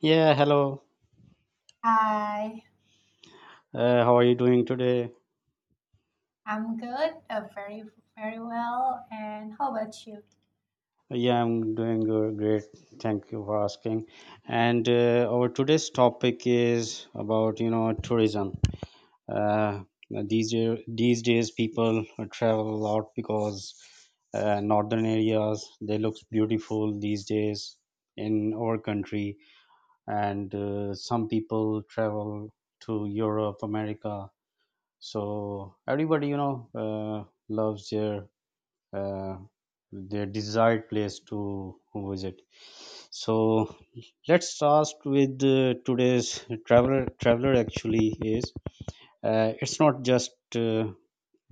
Yeah, hello. Hi, How are you doing today? I'm good, very, very well. And how about you? Yeah, I'm doing great. Thank you for asking. And our today's topic is about tourism. Uh, these days, people travel a lot because northern areas they look beautiful these days in our country, and some people travel to Europe, America. So everybody loves uh, their desired place to visit. So let's start with today's traveler. Traveler actually is, it's not just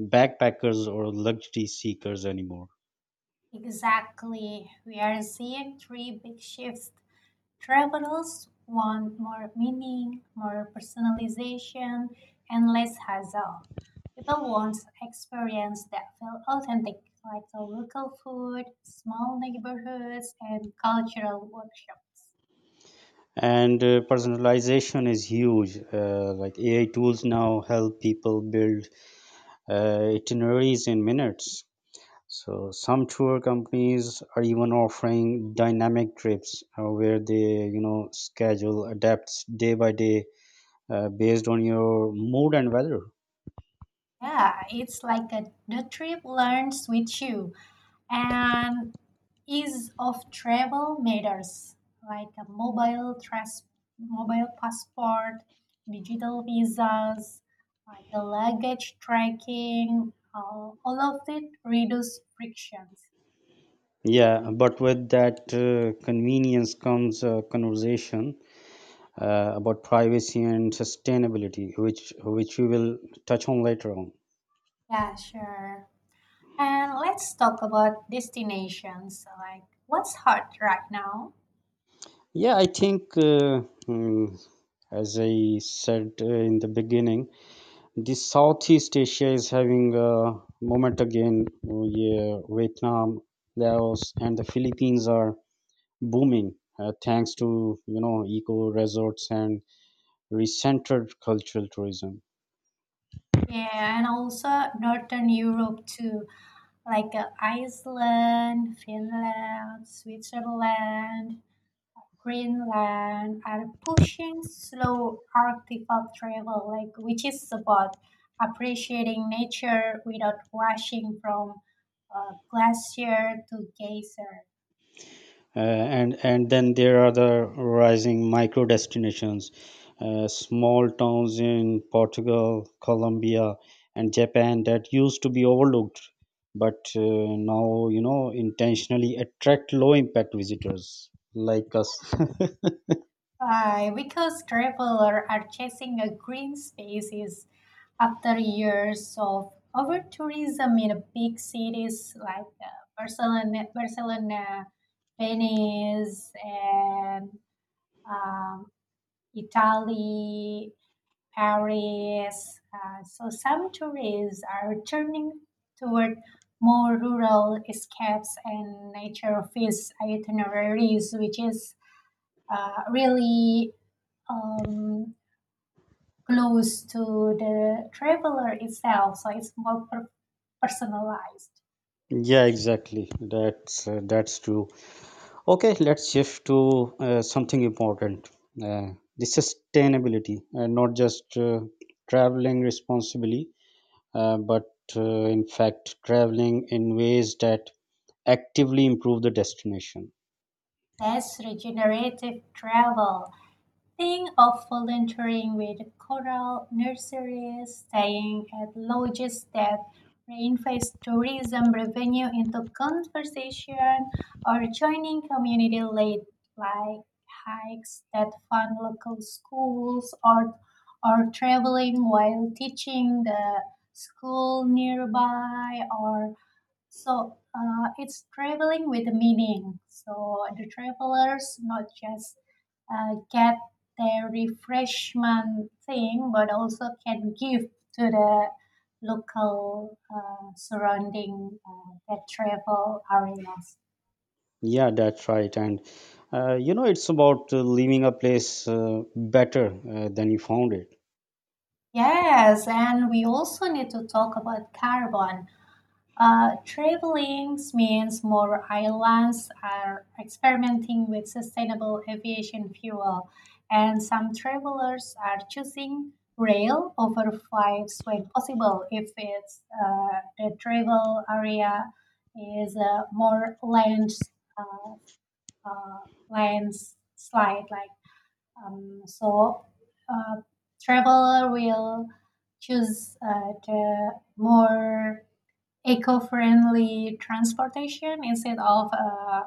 backpackers or luxury seekers anymore. Exactly. We are seeing three big shifts. Travelers want more meaning, more personalization, and less hassle. People want experience that feel authentic, like the local food, small neighborhoods, and cultural workshops. And personalization is huge. Like AI tools now help people build itineraries in minutes. So some tour companies are even offering dynamic trips where, they, you know, schedule adapts day by day based on your mood and weather. Yeah, it's like the trip learns with you, and ease of travel matters, like a mobile mobile passport, digital visas, like the luggage tracking. All of it reduce frictions. Yeah, but with that convenience comes a conversation about privacy and sustainability, which we will touch on later on. Yeah, sure. And let's talk about destinations, like, what's hot right now? Yeah, I think mm, as I said in the beginning, the Southeast Asia is having a moment again. Oh, yeah, Vietnam, Laos, and the Philippines are booming thanks to eco resorts and recentered cultural tourism. Yeah, and also northern Europe too, like Iceland, Finland, Switzerland, Greenland are pushing slow Arctic travel, like which is about appreciating nature without rushing from glacier to geyser. And then there are the rising micro destinations, small towns in portugal colombia and japan that used to be overlooked, but now intentionally attract low impact visitors like us. Why? Because travelers are chasing a green spaces after years of over tourism in big cities like Barcelona, Venice, and um, Italy, Paris. So some tourists are turning toward more rural escapes and nature feast itineraries, which is really um, close to the traveler itself. So it's more personalized. Yeah, exactly, that's true. Okay, let's shift to something important, uh, the sustainability, not just traveling responsibly, but in fact traveling in ways that actively improve the destination. That's regenerative travel. Think of volunteering with coral nurseries, staying at lodges that reinvest tourism revenue into conservation, or joining community led like hikes that fund local schools, or traveling while teaching the school nearby, or so it's traveling with a meaning. So the travelers not just get their refreshment thing, but also can give to the local surrounding that travel areas. Yeah, that's right. And you know, it's about leaving a place better than you found it. Yes, and we also need to talk about carbon. Traveling means more airlines are experimenting with sustainable aviation fuel, and some travelers are choosing rail over flights when possible, if it's the travel area is more land uh, uh, landslide like so uh, traveler will choose the more eco-friendly transportation instead of a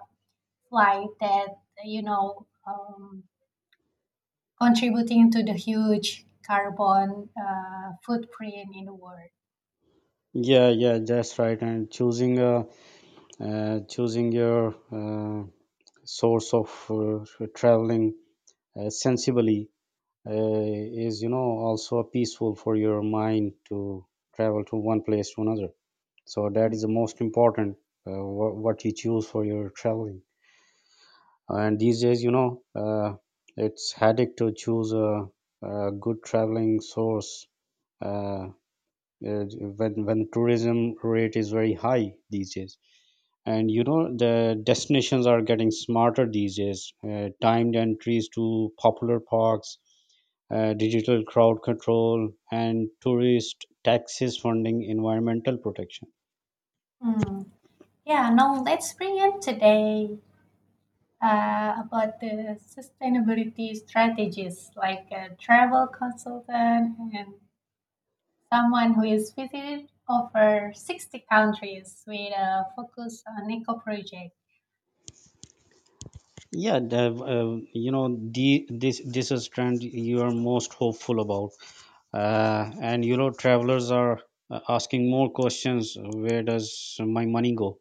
flight that you know um, contributing to the huge carbon footprint in the world. Yeah, yeah, that's right. And choosing, choosing your source of traveling sensibly is, you know, also peaceful for your mind to travel to one place to another. So that is the most important, what you choose for your traveling. And these days it's headache to choose a good traveling source, uh, uh, when tourism rate is very high these days. And you know the destinations are getting smarter these days: timed entries to popular parks, digital crowd control, and tourist taxes funding environmental protection. Mm. Yeah, now let's bring in today about the sustainability strategies, like a travel consultant and someone who has visited over 60 countries with a focus on eco projects. Yeah, Dev, you know, the this this is trend you are most hopeful about, and you know, travelers are asking more questions. Where does my money go?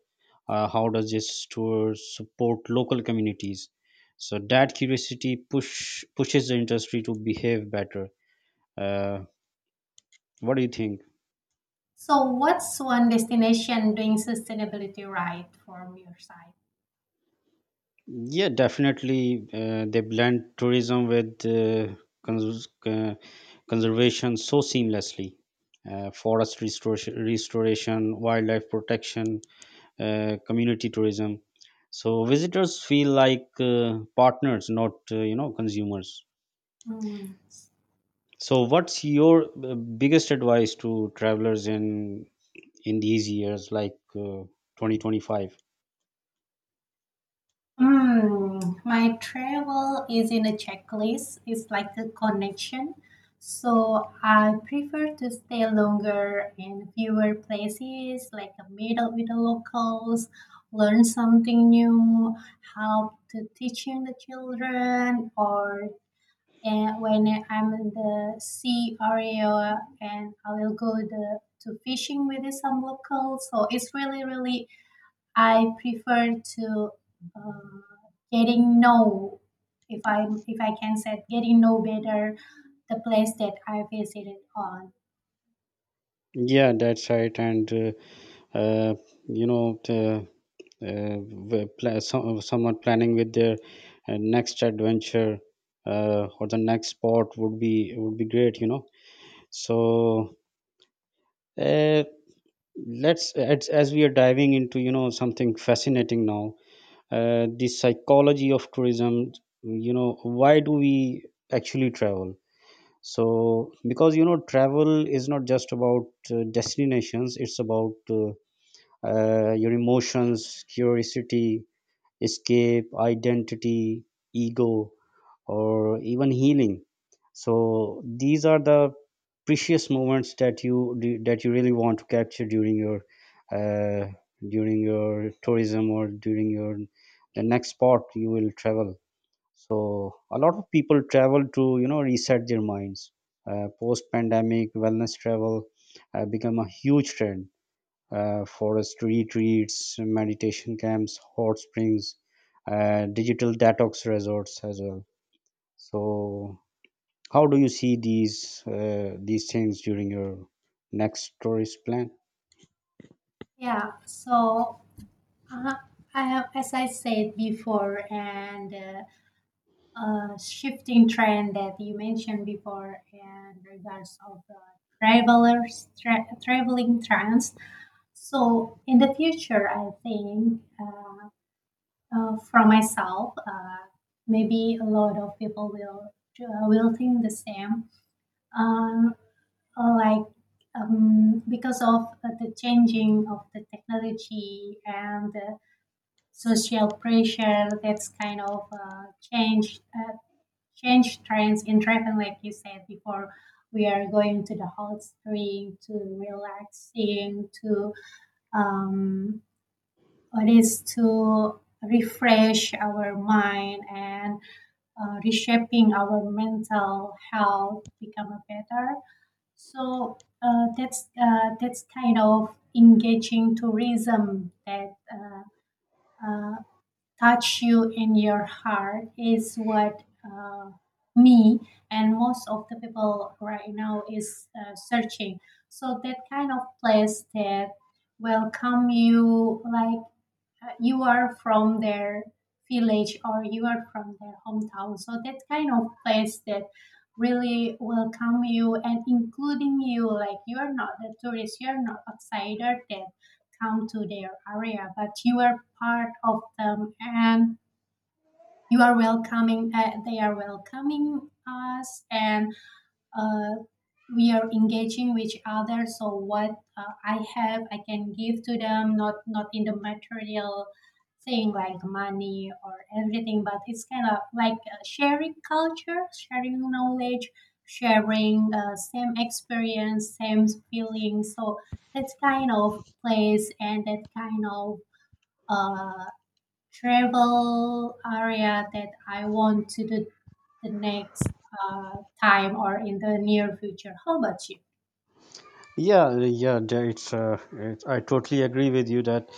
How does this tour support local communities? So that curiosity pushes the industry to behave better. Uh, what do you think? So, what's one destination doing sustainability right from your side? Yeah, definitely. They blend tourism with cons- uh, conservation so seamlessly. Forest restoration, restoration, wildlife protection, community tourism. So visitors feel like partners, not consumers. Hmm. So, what's your biggest advice to travelers in these years, like 2025? Mm, my travel is in a checklist. It's like a connection. So I prefer to stay longer in fewer places, like a middle with the locals, learn something new, help to teaching the children, or and when I'm in the sea area and I will go to fishing with some locals. So it's really, really, I prefer to uh, getting know, if I can say, getting know better the place that I visited on. Yeah, that's right. And uh, you know, the someone planning with their next adventure or the next spot would be great, you know. So uh, as we are diving into, you know, something fascinating now, the psychology of tourism, you know, why do we actually travel? So because you know travel is not just about destinations, it's about your emotions, curiosity, escape, identity, ego, or even healing. So these are the precious moments that you really want to capture uh, during your tourism or during your the next spot you will travel. So a lot of people travel to you know reset their minds. Post pandemic wellness travel become a huge trend: forest retreats, meditation camps, hot springs, digital detox resorts as well. So, how do you see these things during your next tourist plan? Yeah. So uh, I have, as I said before, and. Shifting trend that you mentioned before in regards of the travelers traveling trends. So in the future, I think for myself, maybe a lot of people will will think the same. Um, like because of the changing of the technology and the social pressure, that's kind of change trends in travel, like you said before. We are going to the hot spring to relaxing to um, what is, to refresh our mind and reshaping our mental health become a better. So that's kind of engaging tourism, that uh, touch you in your heart, is what uh, me and most of the people right now is searching. So that kind of place that will come you like you are from their village or you are from their hometown. So that kind of place that really welcome you and including you. Like, you are not a tourist, you are not outsider that come to their area, but you are part of them, and you are welcoming. They are welcoming us, and uh, we are engaging with other. So what I can give to them, not in the material thing like money or everything, but it's kind of like sharing culture, sharing knowledge, sharing same experience, same feelings. So that kind of place and that kind of uh, travel area, that I want to do the next time or in the near future. How about you? Yeah, yeah, there- it's, it's. I totally agree with you that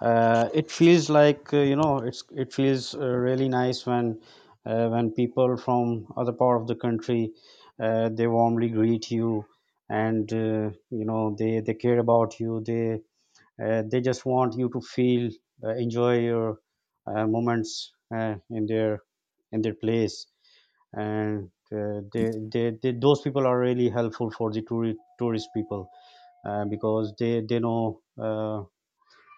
it feels like, you know, it feels really nice when people from other part of the country, they warmly greet you, and you know they care about you. They just want you to feel enjoy your moments in their place. And they those people are really helpful for the tourist people, because they know uh,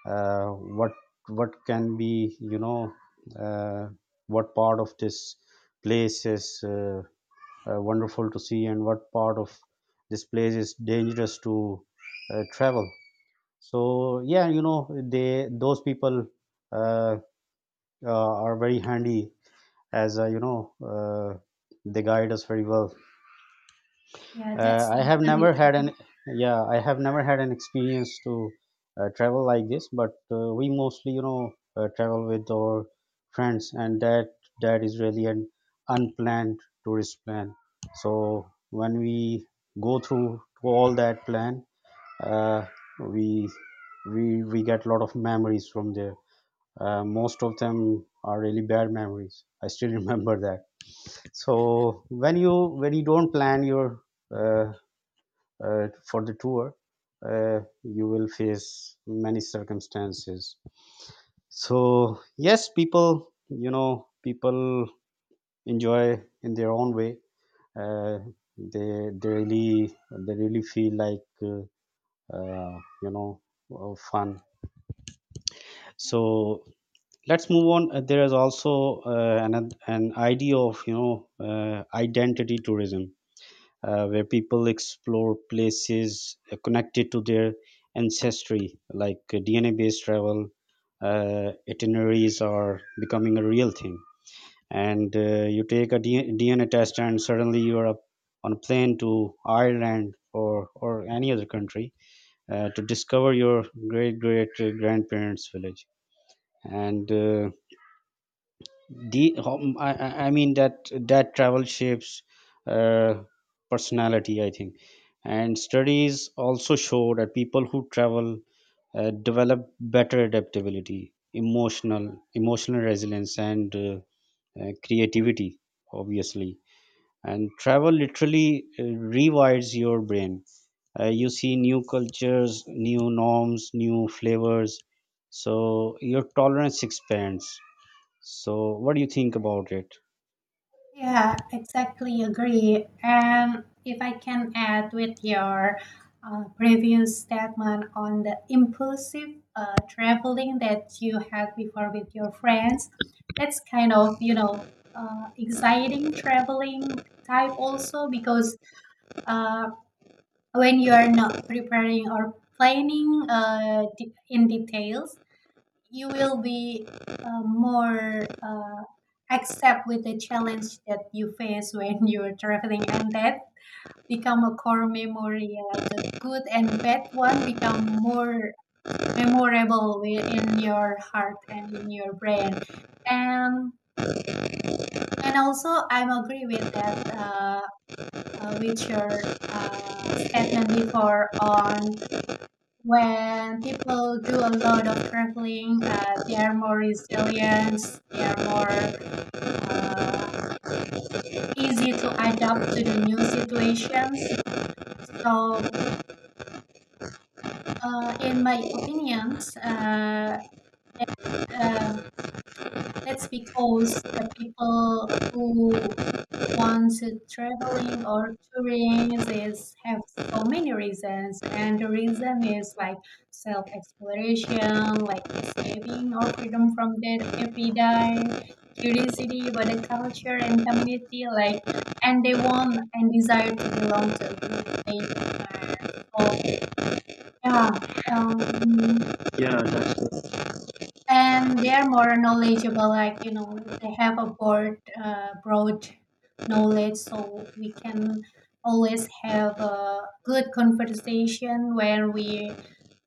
uh, what what can be, you know, uh, what part of this place is wonderful to see and what part of this place is dangerous to travel. So yeah, you know, they those people uh, are very handy, as you know, uh, they guide us very well. Yeah, that's I have totally never had an Yeah, I have never had an experience to travel like this, but we mostly, you know, travel with our friends, and that is really an unplanned tourist plan. So when we go through all that plan, uh, we we get a lot of memories from there. Most of them are really bad memories. I still remember that. So when you don't plan your uh, for the tour, you will face many circumstances. So yes, people, you know, people enjoy in their own way. Uh, they really feel like you know, fun. true. So let's move on. There is also an idea of, you know, identity tourism, where people explore places connected to their ancestry, like DNA based travel itineraries are becoming a real thing. And you take a DNA test, and suddenly you are up on a plane to Ireland, or any other country, to discover your great great grandparents' village. And the hom- I mean that travel shapes uh, personality, I think. And studies also show that people who travel develop better adaptability, emotional emotional resilience, and creativity, obviously. And travel literally rewires your brain. You see new cultures, new norms, new flavors, so your tolerance expands. So what do you think about it? Yeah, exactly agree. And if I can add with your previous statement on the impulsive traveling that you had before with your friends, that's kind of, exciting traveling type also, because uh, when you are not preparing or planning in details you will be more accept with the challenge that you face when you're traveling, and that become a core memory, like a good and bad one become more memorable in your heart and in your brain. And and also I'm agree with that with your statement before on when people do a lot of traveling, they are more resilient, they are more uh, easy to adapt to the new situations. So, in my opinions, um, that's because the people who want to traveling or touring is have so many reasons, and the reason is like self exploration, like escaping or freedom from their everyday curiosity about the culture and community, like, and they want and desire to belong to a group they admire. So yeah. um, Yeah, that's and they are more knowledgeable, like, you know, they have a broad broad knowledge, so we can always have a good conversation when we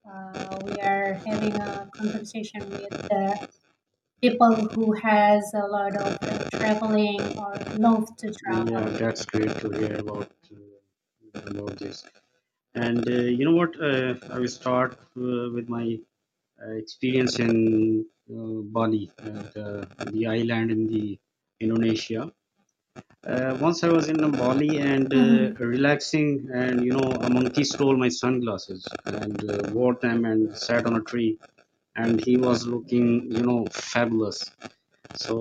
uh, we are having a conversation with the people who has a lot of traveling or love to yeah, travel. that's great to hear about this. And you know what? I will start with my experience in Bali, the island in the Indonesia. Once I was in Bali and Mhm. relaxing, and you know, a monkey stole my sunglasses and wore them and sat on a tree, and he was looking, you know, fabulous. So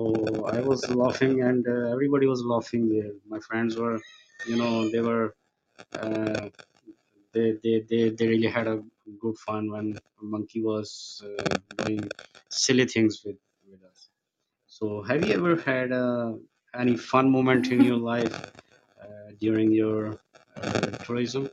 I was laughing, and everybody was laughing there. My friends were, you know, they were, uh, they really had a good fun when Monkey was doing silly things with us. So have you ever had any fun moment in your life during your uh, tourism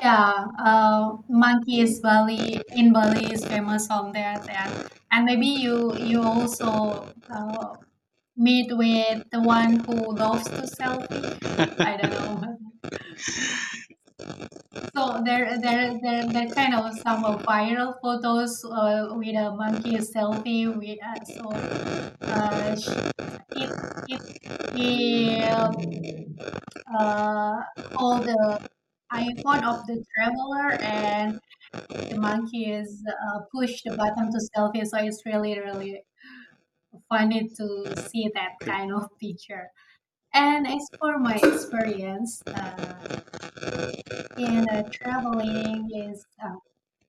Yeah, monkey is Bali in Bali is famous on that, yeah. And maybe you also meet with the one who loves to selfie. I don't know. So there kind of some of viral photos with a monkey selfie. Uh, sh- it it it hold the iPhone of the traveler, and the monkey is push the button to selfie. So it's really really funny to see that trip? kind of picture. And as for my experience in traveling is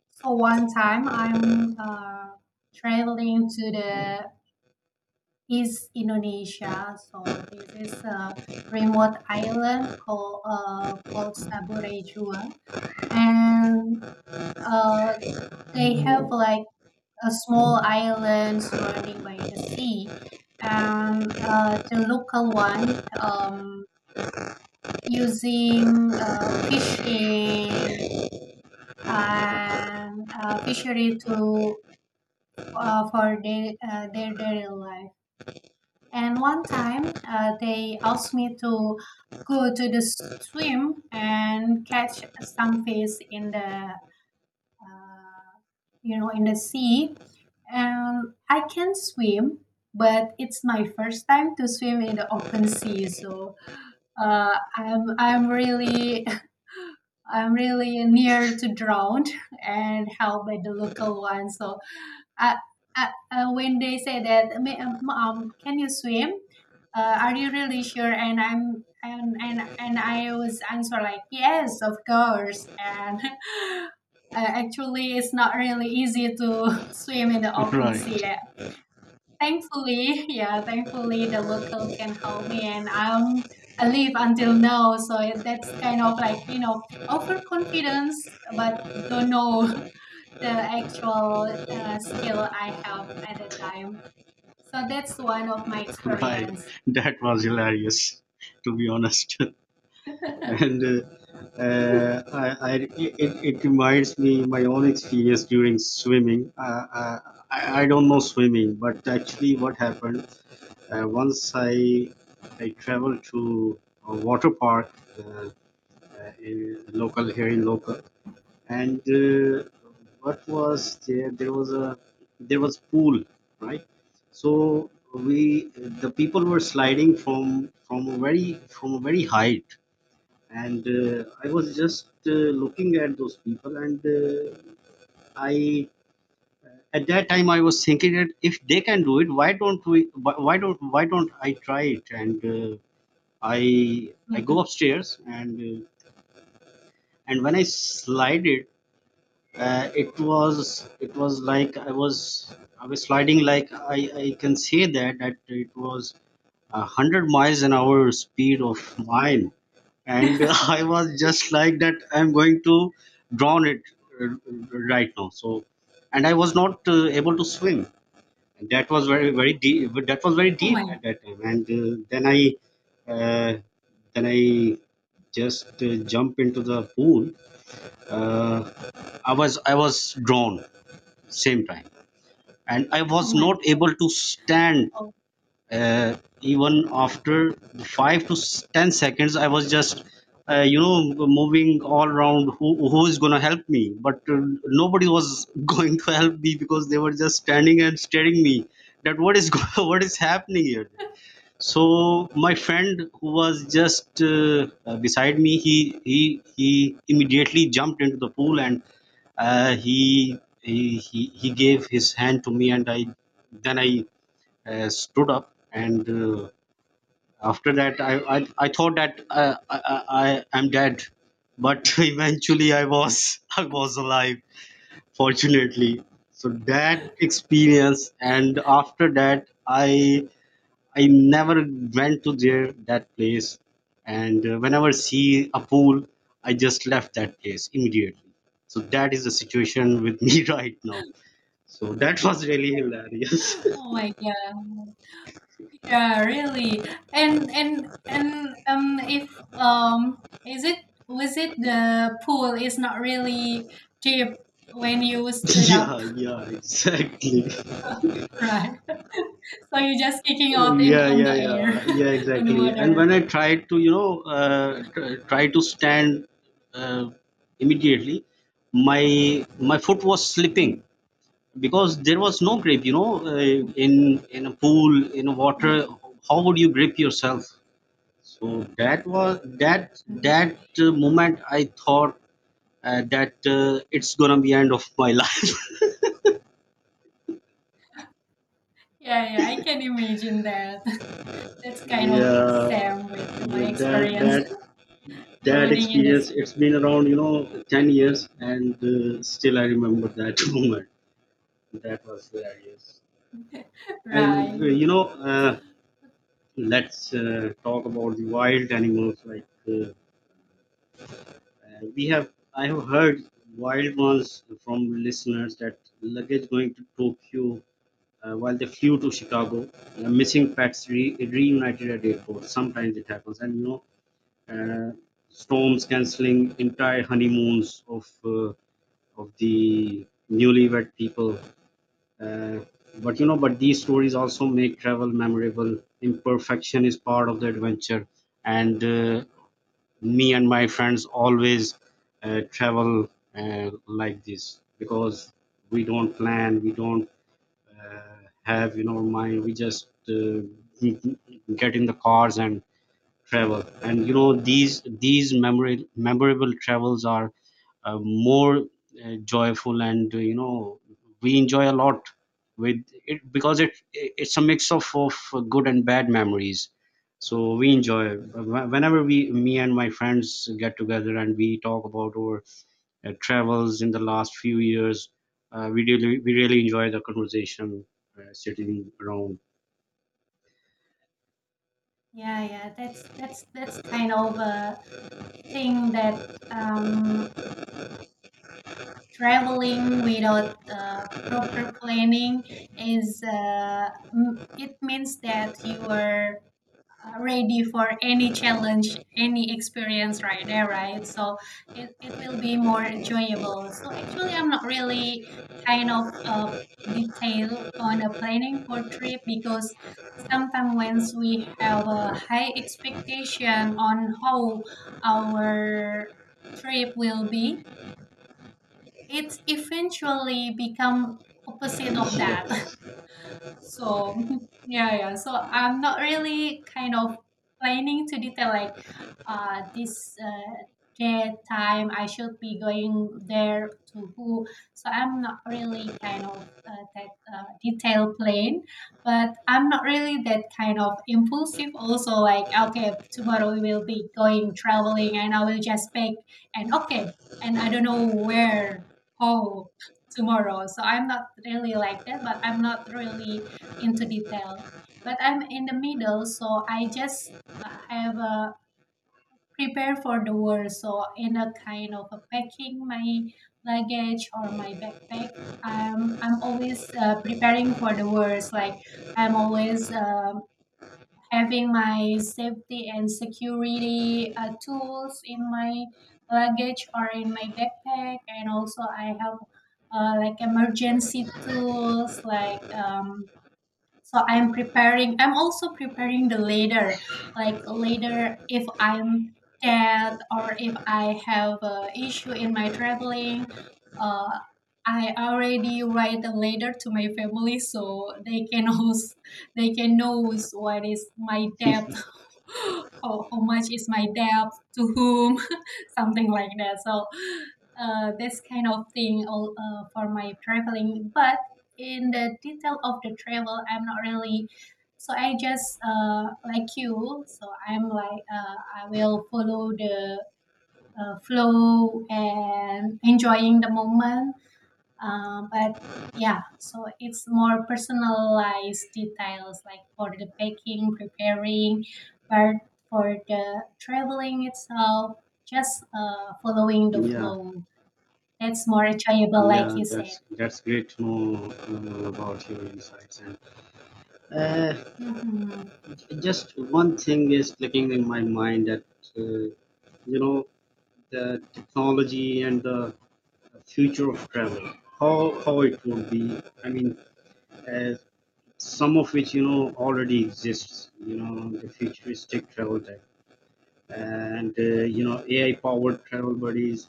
so one time I'm traveling to the East Indonesia. So this is a remote island called called Saburejua, and uh, they have like a small island surrounding by the sea. And the local one, using fishing and fishery to for their daily life. And one time, they asked me to go to the swim and catch some fish uh, in the sea. And I can swim, but it's my first time to swim in the open sea, so I'm really I'm really near to drowned, and helped by the local one. So uh, when they say that, Mom, can you swim? Are you really sure?" And I'm and I was answer like, yes, of course. And actually, it's not really easy to swim in the open sea. Right, Thankfully, yeah, thankfully the local can help me, and I live until now. So that's kind of like, overconfidence, but don't know the actual skill I have at the time. So that's one of my right. experience. That was hilarious, to be honest. and I, it reminds me my own experience during swimming. I don't know swimming, but actually, what happened once I traveled to a water park, in local here in local, and what was there? There was a There was pool, right? So we the people were sliding from a very height, and I was just looking at those people, and I at that time I was thinking that if they can do it, why don't we why don't I try it. And i I go Mhm. upstairs, and when I slide it, it was like I was sliding like I can say that that it was a hundred miles an hour speed of mine. And I was just like that I'm going to drown it, uh, right now. So, and I was not able to swim. And that was very very deep. But That was very Oh deep my, at that time. And uh, then I just jump into the pool. Uh, I was drowned same time, and I oh was my, not able to stand oh, even after 10 seconds. I was just moving all around. Who is going to help me? But nobody was going to help me because they were just standing and staring me that what is what is happening here. So my friend who was just beside me, he he immediately jumped into the pool, and he gave his hand to me, and I stood up. And After that, I thought that I am dead, but eventually I was alive, fortunately. So that experience, and after that, I never went to there, that place. And whenever see a pool, I just left that place immediately. So that is the situation with me right now. So that was really hilarious. oh my god. Yeah, really. And if is it was it the pool is not really deep when you stood up, Yeah. Yeah, exactly. right? So you're just kicking out in Yeah, on the yeah, air, yeah, yeah, on the exactly. And water. when I tried to try to stand, uh, immediately my foot was slipping Mm. because there was no grip, in a pool, in water, how would you grip yourself? So that was that Mhm. that uh, moment. I thought that it's gonna be end of my life. Yeah, yeah, I can imagine that. That's kind of Yeah, same with my yeah, that experience that that drowning in the experience, it's sea. been around, 10 years, and still I remember that moment. That was hilarious. And, uh, Right. you know, uh, let's talk about the wild animals. Like, I have heard wild ones from listeners, that luggage going to Tokyo while they flew to Chicago, missing pets reunited at airport. Sometimes it happens. Uh, Storms canceling entire honeymoons of the newlywed people. Uh, but but these stories also make travel memorable. Imperfection is part of the adventure, and me and my friends always travel like this, because we don't plan, we don't uh, have in our mind. We just get in the cars and travel. And you know, memorable travels are more joyful, and we enjoy a lot with it because it's a mix of good and bad memories. So we enjoy whenever we me and my friends get together and we talk about our travels in the last few years, we really enjoy the conversation, sitting around. Yeah, yeah, that's kind of a thing that traveling without proper planning it means that you are ready for any challenge, any experience right there, right, so it will be more enjoyable. So actually I'm not really kind of detail on the planning for trip, because sometimes once we have a high expectation on how our trip will be, it's eventually become opposite of that. Yeah. So yeah, yeah. So I'm not really kind of planning to detail, like this day time I should be going there to who. So I'm not really kind of that detail plan, but I'm not really that kind of impulsive. Also, like, okay, tomorrow we will be going traveling, and I will just pick and okay, and I don't know where how tomorrow. So I'm not really like that, but I'm not really into detail. But I'm in the middle, so I just have a prepare for the worst. So in a kind of a packing my luggage or my backpack, I'm always preparing for the worst. Like, I'm always having my safety and security tools in my luggage or in my backpack, and also I have like emergency tools like so I'm also preparing the later, like later if I'm dead or if I have a issue in my traveling. uh, I already write a letter to my family so they can, also, they can knows what is my debt, how much is my debt, to whom, something like that. So this kind of thing all, for my traveling, but in the detail of the travel, I'm not really. So I just like you, so I'm like, I will follow the flow and enjoying the moment. But yeah, so it's more personalized details, like for the packing preparing, but for the traveling itself, just following the Yeah. flow. That's more enjoyable, like Yeah, you said. that's great to know about your insights. And uh, Hmm. just one thing is clicking in my mind, that uh, you know the technology and the future of travel, how it will be. I mean, uh, some of which you know already exists. You know, the futuristic travel tech, and AI powered travel buddies,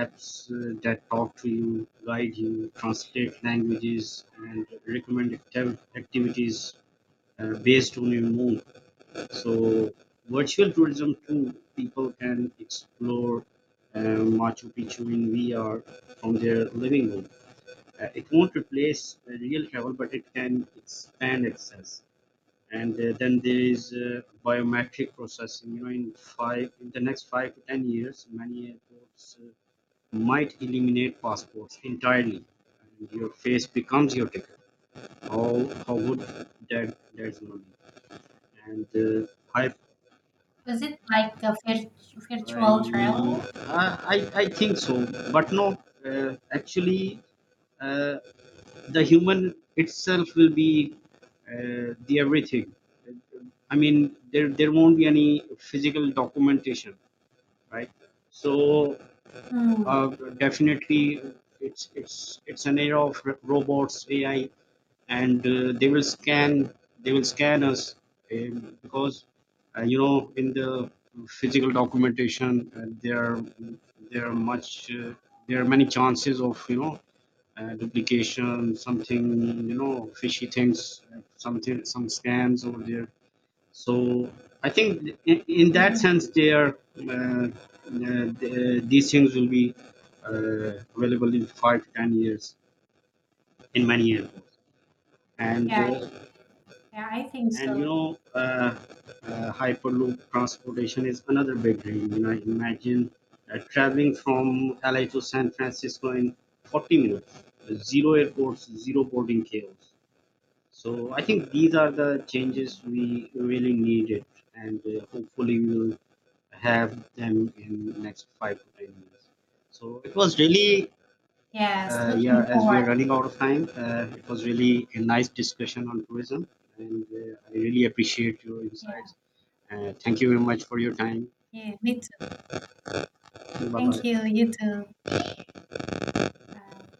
apps that talk to you, guide you, translate languages, and recommend activities based on your mood. So virtual tourism too, people can explore uh, Machu Picchu in VR from their living room. It won't replace real travel, but it can expand access. And Then there is biometric processing. You know, in the next 5 to 10 years, many airports might eliminate passports entirely, and your face becomes your ticket. How would that, that's gonna be. and uh, i Was it like a vir- i virtual travel? i i I think so. But no, actually uh, the human itself will be the everything. I mean, there won't be any physical documentation, right? So Mm-hmm. uh, definitely it's an era of robots, AI, and they will scan, they will scan us. Because in the physical documentation, there are much there are many chances of, duplication, something, you know, fishy things, something, some scams over there. So I think in that Mm-hmm. sense they are these things will be available in 5 to 10 years, in many airports. and Yeah, uh, yeah, I think And so. you know, hyperloop transportation is another big dream. You know, imagine traveling from LA to San Francisco in 40 minutes. Zero airports, zero boarding chaos. So I think these are the Mm. changes we really needed, and hopefully we will have them in next 5 to 10 years. So it was really Yes, yeah, looking as we forward. are running out of time, it was really a nice discussion on tourism, and I really appreciate your Yeah, insights. Thank you very much for your time. yeah, me too. Bye Thank bye. you, you too. Bye.